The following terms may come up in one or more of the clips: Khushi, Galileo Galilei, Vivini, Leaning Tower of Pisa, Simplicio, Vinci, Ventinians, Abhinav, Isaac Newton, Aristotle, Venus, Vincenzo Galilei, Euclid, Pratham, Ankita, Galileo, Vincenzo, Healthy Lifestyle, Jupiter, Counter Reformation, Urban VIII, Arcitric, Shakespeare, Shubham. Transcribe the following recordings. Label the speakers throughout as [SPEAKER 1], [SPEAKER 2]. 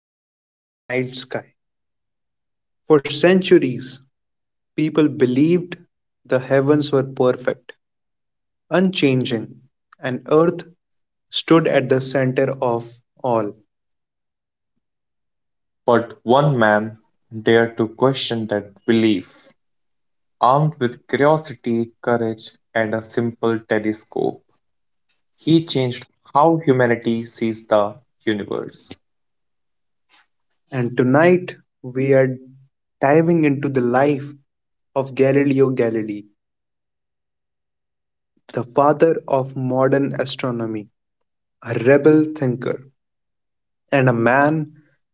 [SPEAKER 1] Look up at the night sky. For centuries, people believed the heavens were perfect, unchanging, and earth stood at the center of all.
[SPEAKER 2] But one man dared to question that belief. Armed with curiosity, courage, and a simple telescope, he changed how humanity sees the universe.
[SPEAKER 1] And tonight, we are diving into the life of Galileo Galilei, the father of modern astronomy, a rebel thinker, and a man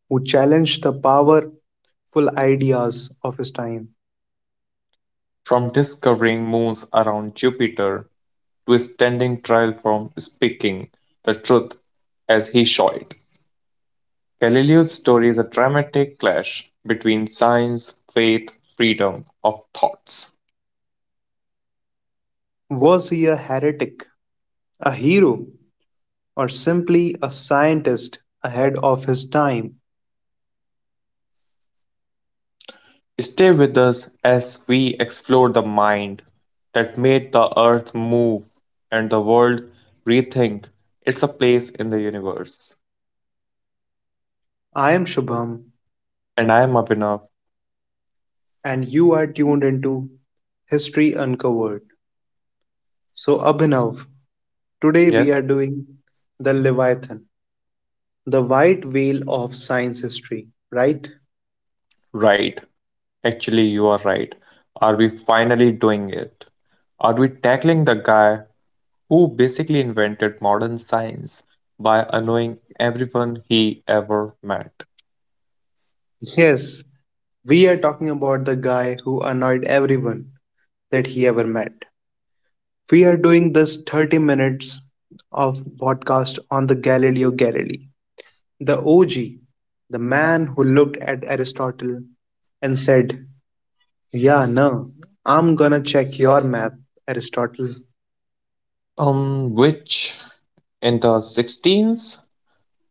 [SPEAKER 1] who challenged the powerful ideas of his time.
[SPEAKER 2] From discovering moons around Jupiter to standing trial from speaking the truth as he saw it. Galileo's story is a dramatic clash between science, faith, freedom of thoughts.
[SPEAKER 1] Was he a heretic, a hero, or simply a scientist ahead of his time?
[SPEAKER 2] Stay with us as we explore the mind that made the earth move and the world rethink its a place in the universe.
[SPEAKER 1] I am Shubham
[SPEAKER 2] And I am Abhinav.
[SPEAKER 1] and you are tuned into History Uncovered. So, Abhinav, today
[SPEAKER 2] Yes,
[SPEAKER 1] we are doing the Leviathan, the white whale of science history, right?
[SPEAKER 2] right. Actually, you are right. Are we finally doing it? Are we tackling the guy who basically invented modern science by annoying everyone he ever met?
[SPEAKER 1] Yes, we are talking about the guy who annoyed everyone that he ever met. We are doing this 30 minutes of podcast on the Galileo Galilei, the OG, the man who looked at Aristotle and said, yeah, no, I'm gonna check your math, Aristotle.
[SPEAKER 2] Which in the 16s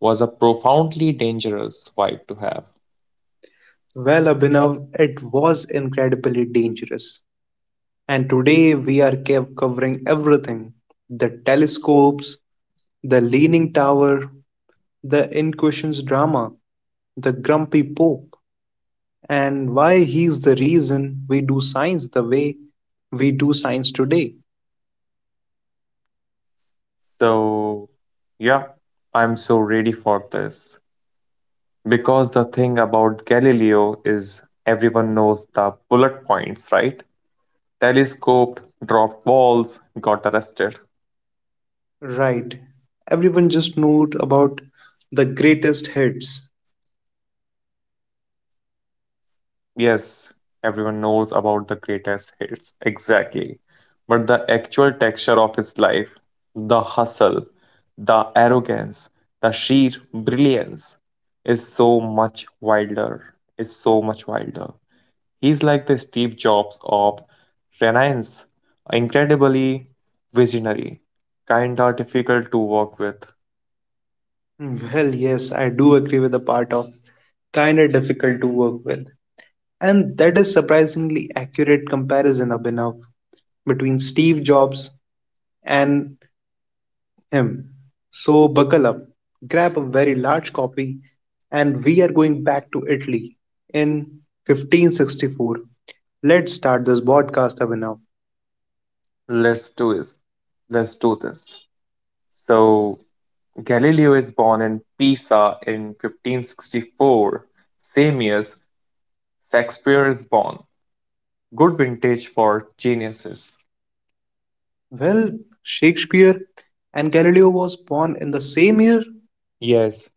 [SPEAKER 2] was a profoundly dangerous vibe to have.
[SPEAKER 1] Well, Abhinav, it was incredibly dangerous. And today we are covering everything: the telescopes, the leaning tower, the Inquisition's drama, the grumpy pope, and why he's the reason we do science the way we do science today.
[SPEAKER 2] So, yeah, I'm so ready for this. Because the thing about Galileo is everyone knows the bullet points, right? Telescoped, dropped balls, got arrested.
[SPEAKER 1] Right. Everyone just knows about the greatest hits.
[SPEAKER 2] Yes, everyone knows about the greatest hits, exactly. But the actual texture of his life, the hustle, the arrogance, the sheer brilliance, is so much wilder. Is so much wilder. He's like the Steve Jobs of Renaissance, incredibly visionary, kinda difficult to work with.
[SPEAKER 1] Well, yes, I do agree with the part of kind of difficult to work with. And that is surprisingly accurate comparison, Abhinav, between Steve Jobs and him. So buckle up, grab a very large copy, and we are going back to Italy in 1564. Let's start this broadcast, Abhinav.
[SPEAKER 2] Let's do this. Let's do this. So Galileo is born in Pisa in 1564. Same year, Shakespeare is born. Good vintage for geniuses.
[SPEAKER 1] Well, Shakespeare and Galileo was born in the same year.
[SPEAKER 2] Yes,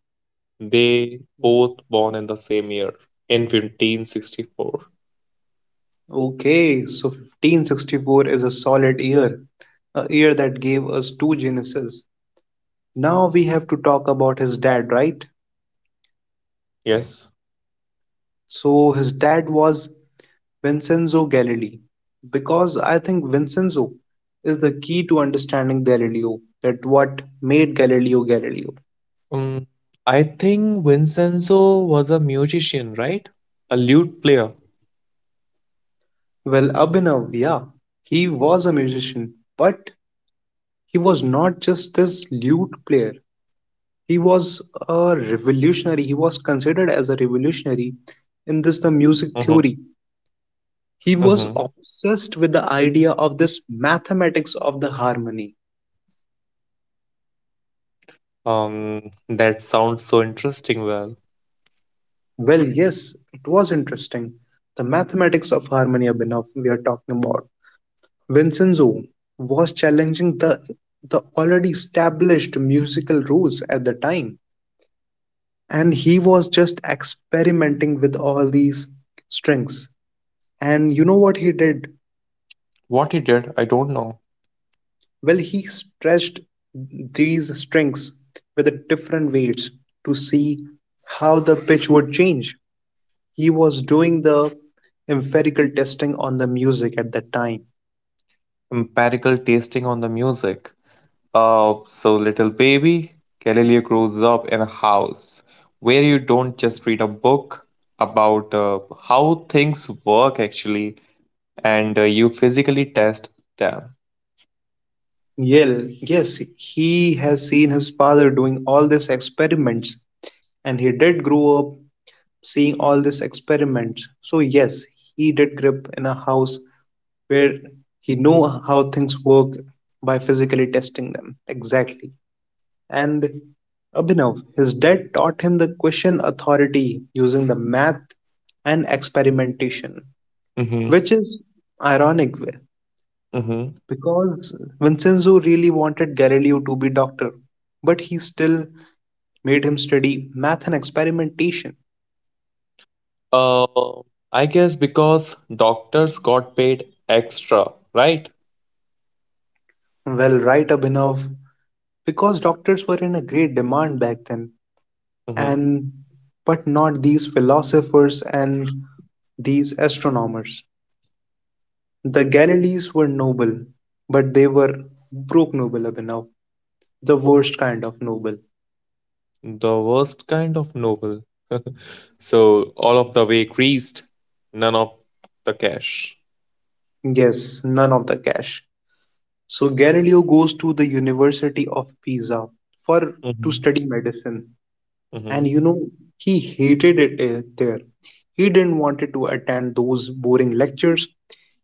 [SPEAKER 2] they both born in the same year in 1564.
[SPEAKER 1] Okay, so 1564 is a solid year, a year that gave us two Genesis. Now we have to talk about his dad, right?
[SPEAKER 2] Yes.
[SPEAKER 1] So his dad was Vincenzo Galilei, because I think Vincenzo is the key to understanding Galileo, that what made Galileo Galileo.
[SPEAKER 2] Um, I think Vincenzo was a musician, right? A lute player.
[SPEAKER 1] Well, Abhinav, yeah, he was a musician, but he was not just this lute player. He was a revolutionary. He was considered as a revolutionary in this the music
[SPEAKER 2] Mm-hmm.
[SPEAKER 1] theory. He was
[SPEAKER 2] Mm-hmm.
[SPEAKER 1] obsessed with the idea of this mathematics of the harmony.
[SPEAKER 2] That sounds so interesting. Well,
[SPEAKER 1] Well, yes, it was interesting. The mathematics of harmony, Abhinav, we are talking about. Vincenzo was challenging the already established musical rules at the time, and he was just experimenting with all these strings. And you know what he did?
[SPEAKER 2] what he did, I don't know.
[SPEAKER 1] Well, he stretched these strings with the different weights to see how the pitch would change. He was doing the empirical testing on the music at that time.
[SPEAKER 2] Empirical tasting on the music. So, little baby, Galileo grows up in a house where you don't just read a book about how things work actually, and you physically test them.
[SPEAKER 1] Yell, yes, he has seen his father doing all these experiments, and he did grow up seeing all these experiments. So yes, he did grow up in a house where he know how things work by physically testing them. Exactly. And Abhinav, his dad taught him the question authority using the math and experimentation,
[SPEAKER 2] Mm-hmm.
[SPEAKER 1] which is ironic way,
[SPEAKER 2] Mm-hmm.
[SPEAKER 1] because Vincenzo really wanted Galileo to be doctor, but he still made him study math and experimentation.
[SPEAKER 2] Uh, I guess because doctors got paid extra, right?
[SPEAKER 1] Well, right, Abhinav, because doctors were in a great demand back then,
[SPEAKER 2] Mm-hmm.
[SPEAKER 1] and but not these philosophers and these astronomers. The Galilees were noble, but they were broke noble, Abhinav. The worst kind of noble.
[SPEAKER 2] The worst kind of novel. So, all of the way greased, none of the cash.
[SPEAKER 1] Yes, none of the cash. So Galileo goes to the University of Pisa for to
[SPEAKER 2] Mm-hmm.
[SPEAKER 1] study medicine. And
[SPEAKER 2] Mm-hmm.
[SPEAKER 1] you know, he hated it there. He didn't wanted to attend those boring lectures.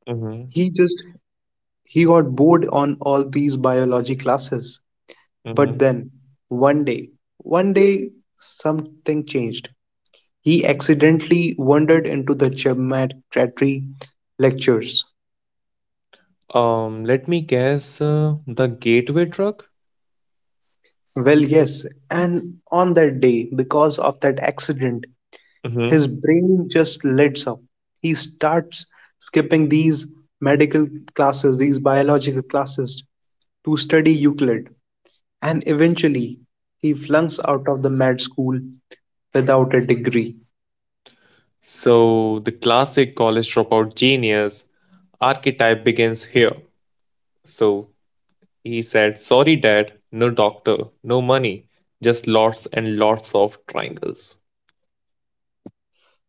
[SPEAKER 2] Mm-hmm.
[SPEAKER 1] He just he got bored on all these biology classes. But
[SPEAKER 2] Mm-hmm.
[SPEAKER 1] then one day, one day something changed. He accidentally wandered into the geometry lectures.
[SPEAKER 2] Let me guess, the Gateway Drug?
[SPEAKER 1] Well, yes, and on that day, because of that accident, his
[SPEAKER 2] Hmm.
[SPEAKER 1] brain just lights up. He starts skipping these medical classes, these biological classes, to study Euclid. And eventually, he flunks out of the med school without a degree.
[SPEAKER 2] So, the classic college dropout genius archetype begins here. So, he said, sorry, Dad, no doctor, no money, just lots and lots of triangles.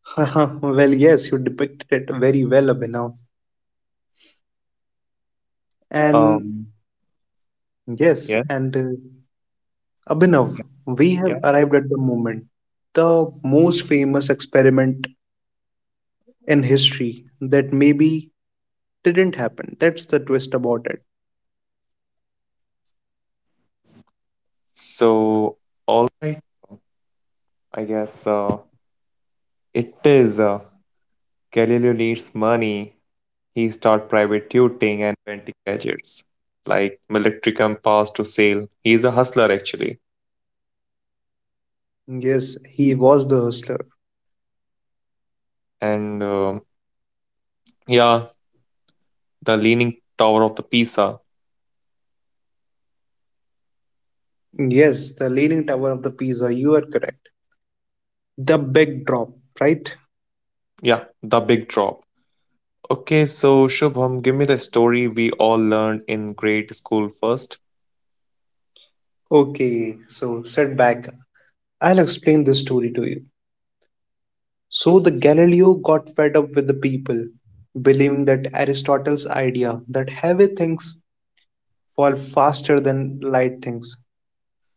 [SPEAKER 1] Well, yes, you depicted it very well, Abhinav. And
[SPEAKER 2] Um,
[SPEAKER 1] yes, and uh, Abhinav, we have arrived at the moment, the most famous experiment in history that maybe didn't happen. That's the twist about it.
[SPEAKER 2] Day.
[SPEAKER 1] Yes, he was the hustler.
[SPEAKER 2] And yeah, the Leaning Tower of the Pisa.
[SPEAKER 1] Yes, the Leaning Tower of the Pisa, you are correct. The big drop, right?
[SPEAKER 2] Yeah, the big drop. Okay, so Shubham, give me the story we all learned in grade school first.
[SPEAKER 1] Okay, so sit back. I'll explain this story to you. So, the Galileo got fed up with the people, believing that Aristotle's idea that heavy things fall faster than light things.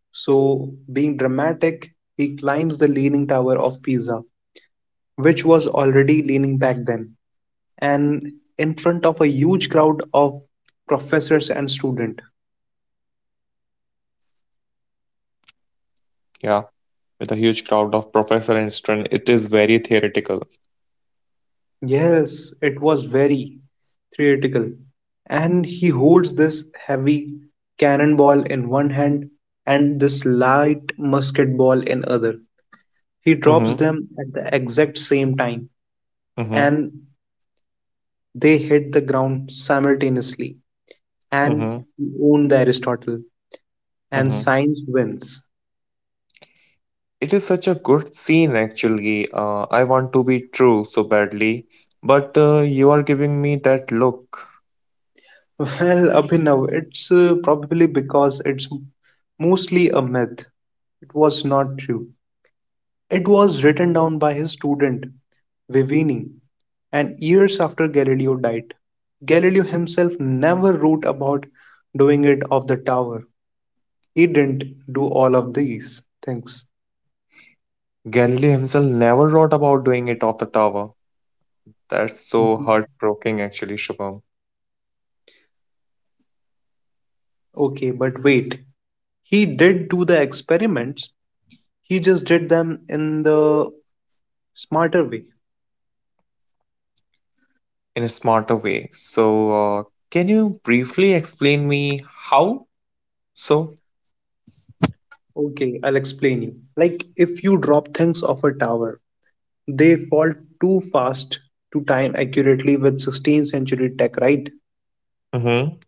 [SPEAKER 1] So, being dramatic, he climbs the leaning tower of Pisa, which was already leaning back then, and in front of a huge crowd of professors and students.
[SPEAKER 2] Yeah, with a huge crowd of professor and student. It is very theoretical.
[SPEAKER 1] Yes, it was very theatrical. And he holds this heavy cannonball in one hand and this light musket ball in other. He drops
[SPEAKER 2] Mm-hmm.
[SPEAKER 1] them at the exact same time,
[SPEAKER 2] Mm-hmm.
[SPEAKER 1] and they hit the ground simultaneously. And
[SPEAKER 2] Mm-hmm.
[SPEAKER 1] he owned the Aristotle, and
[SPEAKER 2] Mm-hmm.
[SPEAKER 1] science wins.
[SPEAKER 2] It is such a good scene, actually. I want to be true so badly, but you are giving me that look.
[SPEAKER 1] Well, Abhinav, it's probably because it's mostly a myth. It was not true. It was written down by his student, Vivini, and years after Galileo died. Galileo himself never wrote about doing it of the tower. He didn't do all of these things.
[SPEAKER 2] Galileo himself never wrote about doing it off the tower. That's so
[SPEAKER 1] Mhm.
[SPEAKER 2] heartbreaking, actually, Shubham,
[SPEAKER 1] Okay, but wait. He did do the experiments. He just did them in the smarter way.
[SPEAKER 2] in a smarter way. So, uh, can you briefly explain me how? So,
[SPEAKER 1] Okay, I'll explain you. Like if you drop things off a tower, they fall too fast to time accurately with 16th century tech, right?
[SPEAKER 2] mm-hmm,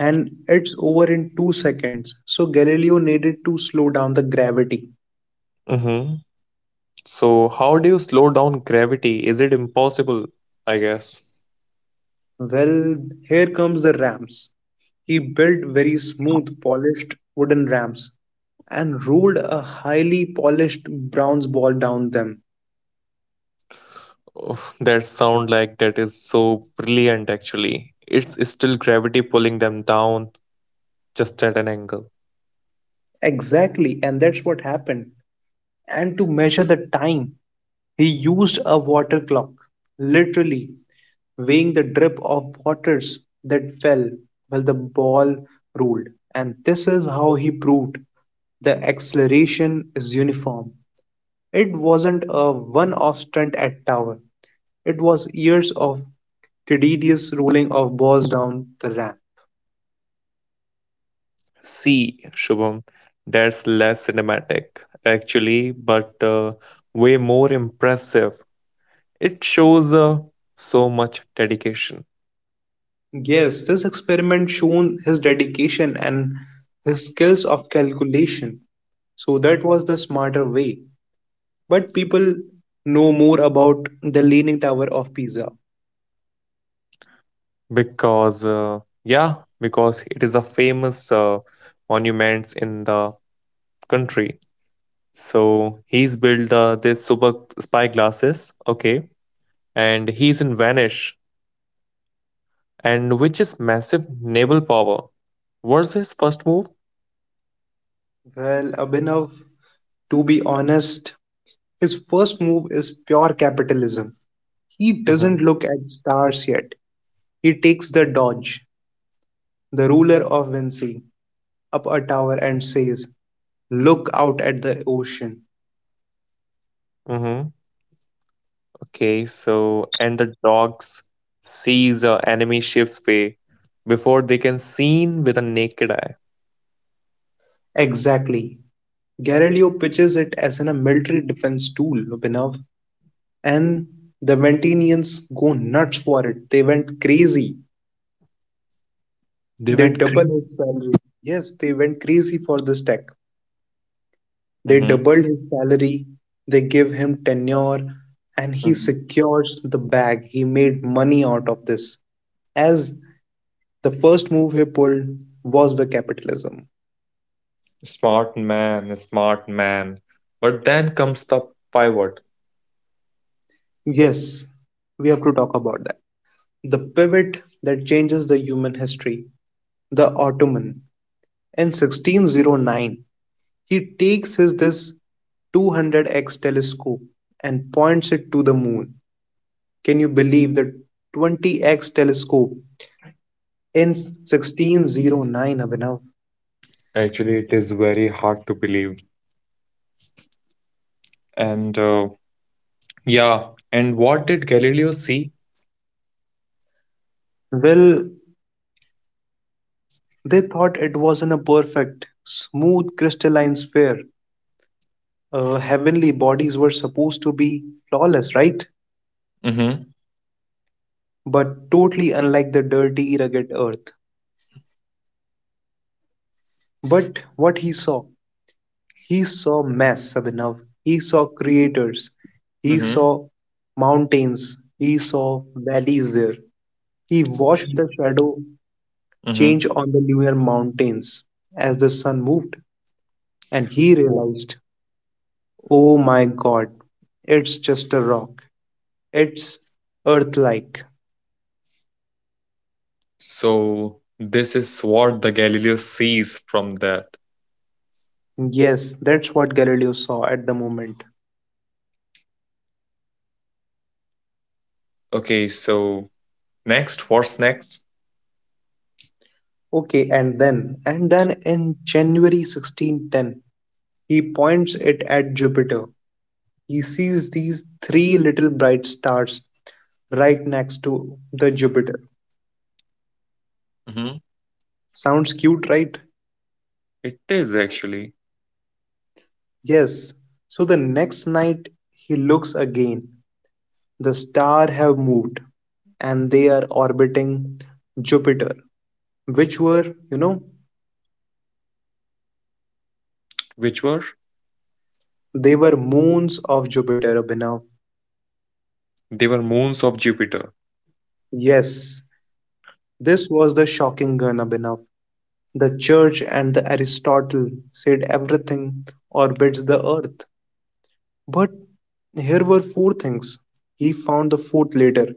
[SPEAKER 1] And it's over in 2 seconds. So Galileo needed to slow down the gravity.
[SPEAKER 2] mm-hmm. So, how do you slow down gravity? Is it impossible? I guess.
[SPEAKER 1] Well, here comes the ramps. He built very smooth, polished wooden ramps and rolled a highly polished bronze ball down them.
[SPEAKER 2] Oof, that sound like that is so brilliant, actually. It's still gravity pulling them down just at an angle.
[SPEAKER 1] Exactly, and that's what happened. And to measure the time, he used a water clock, literally weighing the drip of waters that fell while the ball rolled. And this is how he proved the acceleration is uniform. It wasn't a one off stunt at Tower, it was years of tedious rolling of balls down the ramp.
[SPEAKER 2] See, Shubham, that's less cinematic, actually, but way more impressive. It shows so much dedication.
[SPEAKER 1] Yes, this experiment shown his dedication and his skills of calculation. So that was the smarter way. But people know more about the Leaning Tower of Pisa.
[SPEAKER 2] Because, yeah, because it is a famous monument in the country. So he's built this super spy glasses, okay, and he's in Vanish, and which is massive naval power. What's his first move?
[SPEAKER 1] Well, Abhinav, to be honest, his first move is pure capitalism. He
[SPEAKER 2] Mm-hmm.
[SPEAKER 1] doesn't look at stars yet. He takes the Dodge, the ruler of Vinci, up a tower and says, look out at the ocean.
[SPEAKER 2] Mm-hmm. Okay, so and the dogs sees a enemy ship's way before they can seen with a naked eye.
[SPEAKER 1] Exactly. Galileo pitches it as a military defense tool, Abhinav, and the Ventinians go nuts for it. They went crazy.
[SPEAKER 2] They
[SPEAKER 1] They
[SPEAKER 2] went
[SPEAKER 1] double
[SPEAKER 2] crazy.
[SPEAKER 1] his salary. Yes, they went crazy for this tech. They
[SPEAKER 2] Mhm.
[SPEAKER 1] doubled his salary, they give him tenure, and he
[SPEAKER 2] Mhm.
[SPEAKER 1] secures the bag. He made money out of this. As the first move he pulled was the capitalism.
[SPEAKER 2] Smart man, smart man. But then comes the pivot.
[SPEAKER 1] Yes, we have to talk about that. The pivot that changes the human history, the Ottoman. In 1609, he takes his this 200x telescope and points it to the moon. Can you believe the 20x telescope in 1609, Abhinav?
[SPEAKER 2] Actually, it is very hard to believe. And yeah, and what did Galileo see?
[SPEAKER 1] Well, they thought it wasn't a perfect, smooth, crystalline sphere. Heavenly bodies were supposed to be flawless, right?
[SPEAKER 2] Mm-hmm.
[SPEAKER 1] But totally unlike the dirty, rugged earth. But what he saw mess, Abhinav. He saw creators. He
[SPEAKER 2] Mm-hmm.
[SPEAKER 1] saw mountains. He saw valleys there. He watched the shadow
[SPEAKER 2] Mm-hmm.
[SPEAKER 1] change on the lunar mountains as the sun moved, and he realized, oh my god, it's just a rock. It's Earth like.
[SPEAKER 2] So this is what the Galileo sees from that.
[SPEAKER 1] Yes, that's what Galileo saw at the moment.
[SPEAKER 2] Okay, so next, what's next?
[SPEAKER 1] Okay, and then in January 1610, he points it at Jupiter. He sees these three little bright stars right next to the Jupiter.
[SPEAKER 2] Mm-hmm.
[SPEAKER 1] Sounds cute, right?
[SPEAKER 2] It is actually,
[SPEAKER 1] Yes. So the next night he looks again. The star have moved and they are orbiting Jupiter, which were, you know,
[SPEAKER 2] which were
[SPEAKER 1] they were moons of Jupiter, Abhinav.
[SPEAKER 2] they were moons of Jupiter.
[SPEAKER 1] Yes, this was the shocking gun, Abhinav. The church and the Aristotle said everything orbits the earth. But here were four things. He found the fourth later,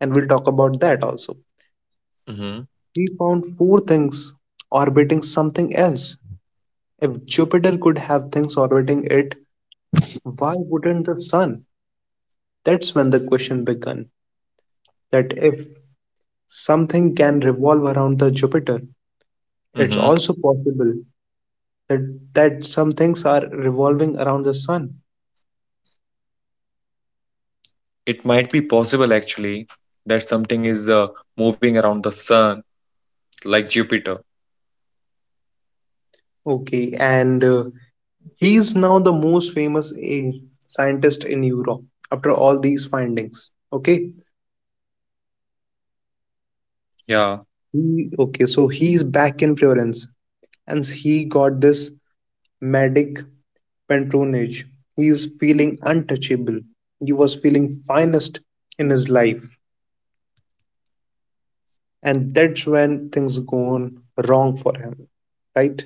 [SPEAKER 1] and we'll talk about that also.
[SPEAKER 2] Mm-hmm.
[SPEAKER 1] He found four things orbiting something else. If Jupiter could have things orbiting it, why wouldn't the sun? That's when the question began that if something can revolve around the Jupiter, it's
[SPEAKER 2] Mm-hmm.
[SPEAKER 1] also possible that some things are revolving around the sun.
[SPEAKER 2] It might be possible actually that something is moving around the sun, like Jupiter.
[SPEAKER 1] Okay, and he is now the most famous scientist in Europe after all these findings. Okay,
[SPEAKER 2] Yeah,
[SPEAKER 1] so he's back in Florence and he got this medic patronage. He is feeling untouchable. He was feeling finest in his life. And that's when things go on wrong for him. Right?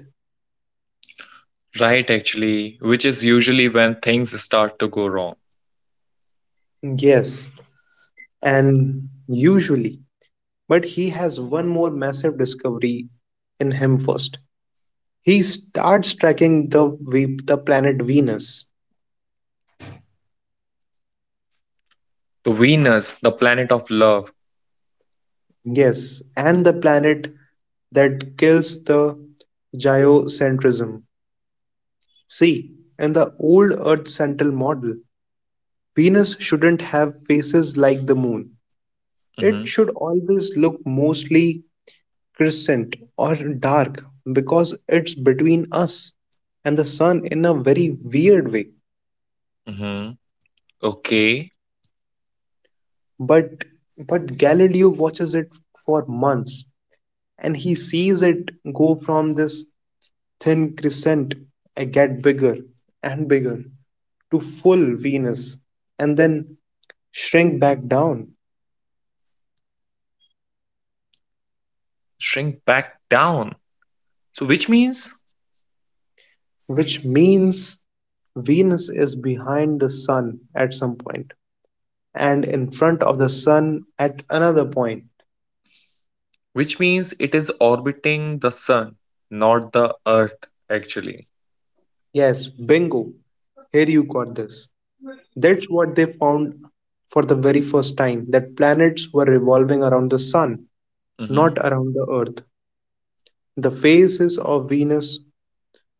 [SPEAKER 2] right, actually, which is usually when things start to go wrong.
[SPEAKER 1] Yes. And usually. But he has one more massive discovery in him first. He starts tracking the the planet Venus.
[SPEAKER 2] The Venus, the planet of love.
[SPEAKER 1] Yes, and the planet that kills the geocentrism. See, in the old Earth central model, Venus shouldn't have faces like the moon.
[SPEAKER 2] Mm-hmm.
[SPEAKER 1] It should always look mostly crescent or dark because it's between us and the sun in a very weird way.
[SPEAKER 2] Mm-hmm. Okay,
[SPEAKER 1] But Galileo watches it for months and he sees it go from this thin crescent and get bigger and bigger to full Venus and then shrink back down,
[SPEAKER 2] shrink back down. So,
[SPEAKER 1] which means Venus is behind the sun at some point and in front of the sun at another point.
[SPEAKER 2] which means it is orbiting the sun, not the earth, actually.
[SPEAKER 1] Yes, bingo. Here you got this. That's what they found for the very first time that planets were revolving around the sun,
[SPEAKER 2] Mm-hmm.
[SPEAKER 1] not around the earth. The phases of Venus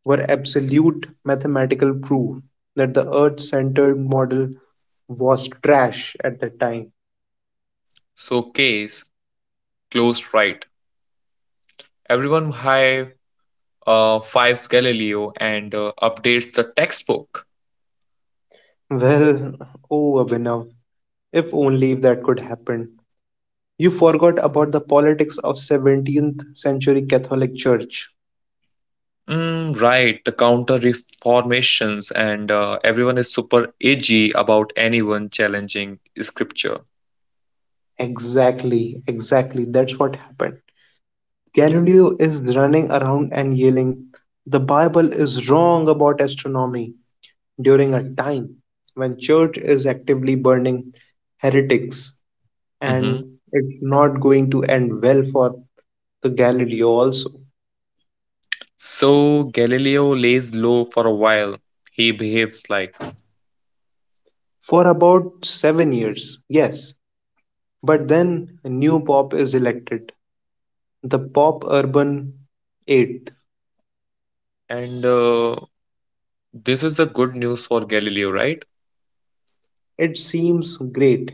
[SPEAKER 1] were absolute mathematical proof that the earth centered model was trash at that time.
[SPEAKER 2] So, case closed right. Everyone, hi. Fives Galileo and updates the textbook.
[SPEAKER 1] Well, oh Abhinav, If only if that could happen. You forgot about the politics of 17th century Catholic Church.
[SPEAKER 2] Mm, right, the counter reformations, and everyone is super edgy about anyone challenging scripture.
[SPEAKER 1] Exactly, exactly, that's what happened. Galileo is running around and yelling, the Bible is wrong about astronomy during a time when church is actively burning heretics,
[SPEAKER 2] Mhm.
[SPEAKER 1] and it's not going to end well for the Galileo also.
[SPEAKER 2] So Galileo lays low for a while. He behaves like.
[SPEAKER 1] For about 7 years, yes. But then a new pope is elected, the pop Urban eighth.
[SPEAKER 2] And this is the good news for Galileo, right?
[SPEAKER 1] It seems great.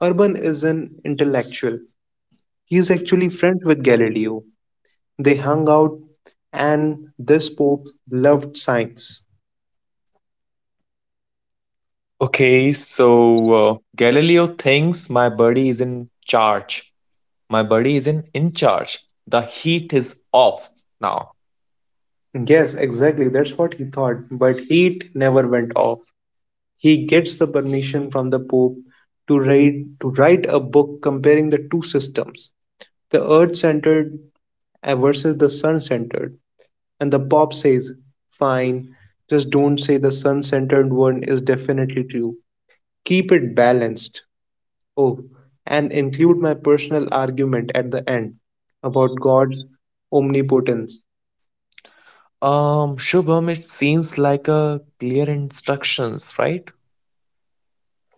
[SPEAKER 1] Urban is an intellectual. He is actually friends with Galileo. They hung out, and this pope loved science.
[SPEAKER 2] Okay, so Galileo thinks my body is in charge. My body is in charge. The heat is off now.
[SPEAKER 1] Yes, exactly. That's what he thought. But it never went off. He gets the permission from the pope to write a book comparing the two systems, the Earth-centered versus the Sun-centered. And the Pope says, fine, just don't say the sun centered one is definitely true. Keep it balanced. Oh, and include my personal argument at the end about God's omnipotence.
[SPEAKER 2] Shubham, it seems like a clear instructions, right?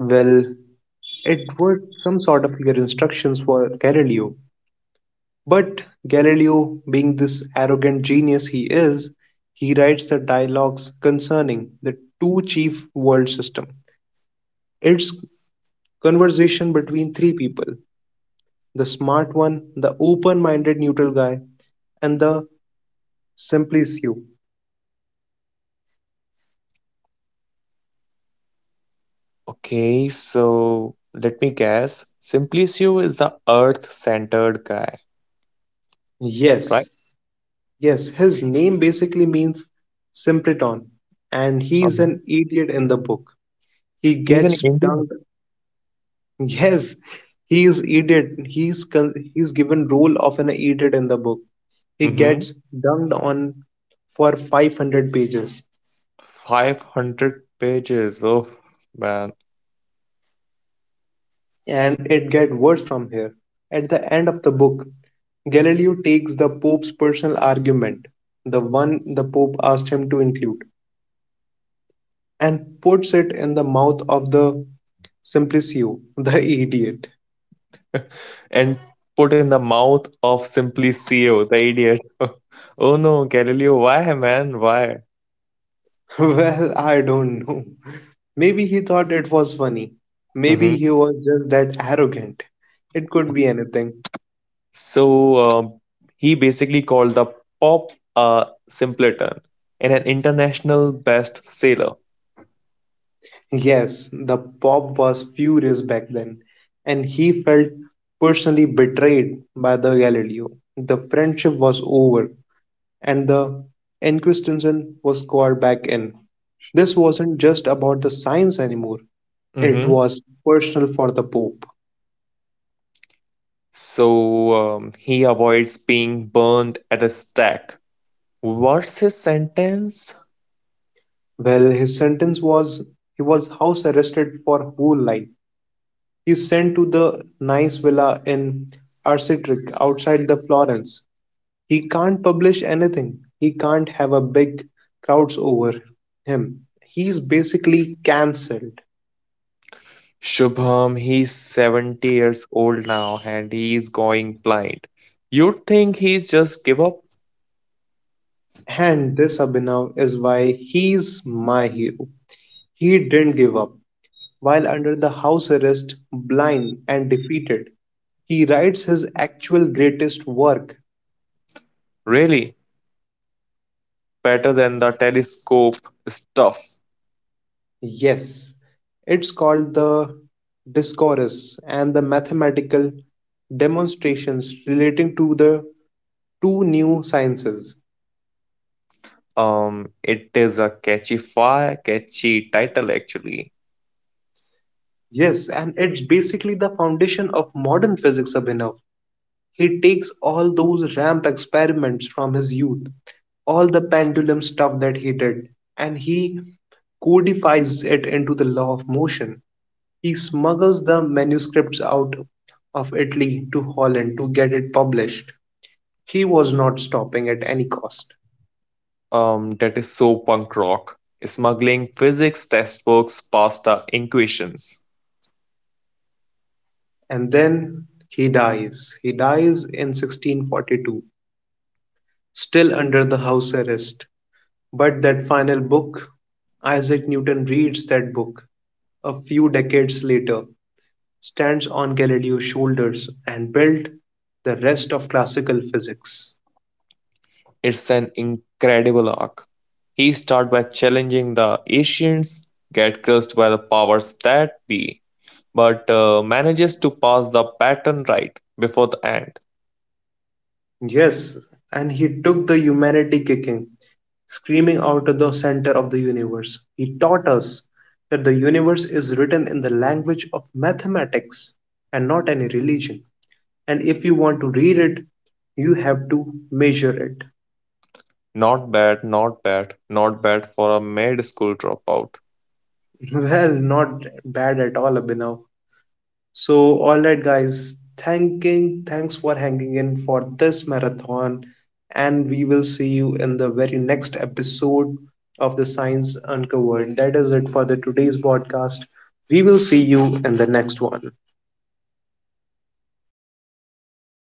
[SPEAKER 1] Well, it were some sort of clear instructions for Galileo. But Galileo, being this arrogant genius he is, he writes the dialogues concerning the two chief world system. It's conversation between three people, the smart one, the open minded neutral guy, and the simplicio.
[SPEAKER 2] Okay, so let me guess. Simplicio is the earth-centered guy, right?
[SPEAKER 1] Yes, yes, his name basically means simpleton, and he's an
[SPEAKER 2] Mhm.
[SPEAKER 1] idiot in the book. He
[SPEAKER 2] He's an
[SPEAKER 1] gets dunked.
[SPEAKER 2] Indian.
[SPEAKER 1] Yes, he is idiot. He's given role of an idiot in the book. He
[SPEAKER 2] Mm-hmm.
[SPEAKER 1] gets dunked on for 500 pages.
[SPEAKER 2] 500 pages. Oh, man.
[SPEAKER 1] And it gets worse from here. At the end of the book, Galileo takes the Pope's personal argument, the one the Pope asked him to include, and puts it in the mouth of the Simplicio, the idiot.
[SPEAKER 2] And put in the mouth of Simply CEO, the idiot. Oh no, Galileo, why, man? Why?
[SPEAKER 1] Well, I don't know. Maybe he thought it was funny. Maybe
[SPEAKER 2] Hmm.
[SPEAKER 1] he was just that arrogant. It could be anything.
[SPEAKER 2] So um, he basically called the pop a simpleton and an international bestseller.
[SPEAKER 1] Yes, the Pope was furious back then, and he felt personally betrayed by the Galileo. The friendship was over, and the Inquisition was called back in. This wasn't just about the science anymore, it
[SPEAKER 2] Hmm.
[SPEAKER 1] was personal for the Pope.
[SPEAKER 2] So he avoids being burned at a stake. What's his sentence?
[SPEAKER 1] Well, his sentence was he was house arrested for whole life. He's sent to the nice villa in Arcitric outside the Florence. He can't publish anything, he can't have a big crowds over him, he's basically cancelled.
[SPEAKER 2] Shubham, he's 70 years old now and he's going blind. You'd think he's just give up.
[SPEAKER 1] And this Abhinav is why he's my hero. He didn't give up. While under the house arrest, blind and defeated, he writes his actual greatest work.
[SPEAKER 2] Really, better than the telescope stuff.
[SPEAKER 1] Yes, it's called the Discourse and the Mathematical Demonstrations relating to the two new sciences.
[SPEAKER 2] It is a catchy fire, catchy title actually.
[SPEAKER 1] Yes, and it's basically the foundation of modern physics, Abhinav. He takes all those ramp experiments from his youth, all the pendulum stuff that he did, and he codifies it into the law of motion. He smuggles the manuscripts out of Italy to Holland to get it published. He was not stopping at any cost.
[SPEAKER 2] That is so punk rock. Smuggling physics textbooks past the equations.
[SPEAKER 1] And then he dies. He dies in 1642, still under the house arrest. But that final book, Isaac Newton reads that book a few decades later, stands on Galileo's shoulders and built the rest of classical physics.
[SPEAKER 2] It's an incredible arc. He starts by challenging the Asians, get cursed by the powers that be, but manages to pass the pattern right before the end.
[SPEAKER 1] Yes, and he took the humanity kicking, screaming out of the center of the universe. He taught us that the universe is written in the language of mathematics and not any religion. And if you want to read it, you have to measure it.
[SPEAKER 2] Not bad, not bad, not bad for a med school dropout.
[SPEAKER 1] Well, not bad at all, Abhinav. So, all right, guys, thanks for hanging in for this marathon, and we will see you in the very next episode of the Science Uncovered. That is it for the today's podcast. We will see you in the next one.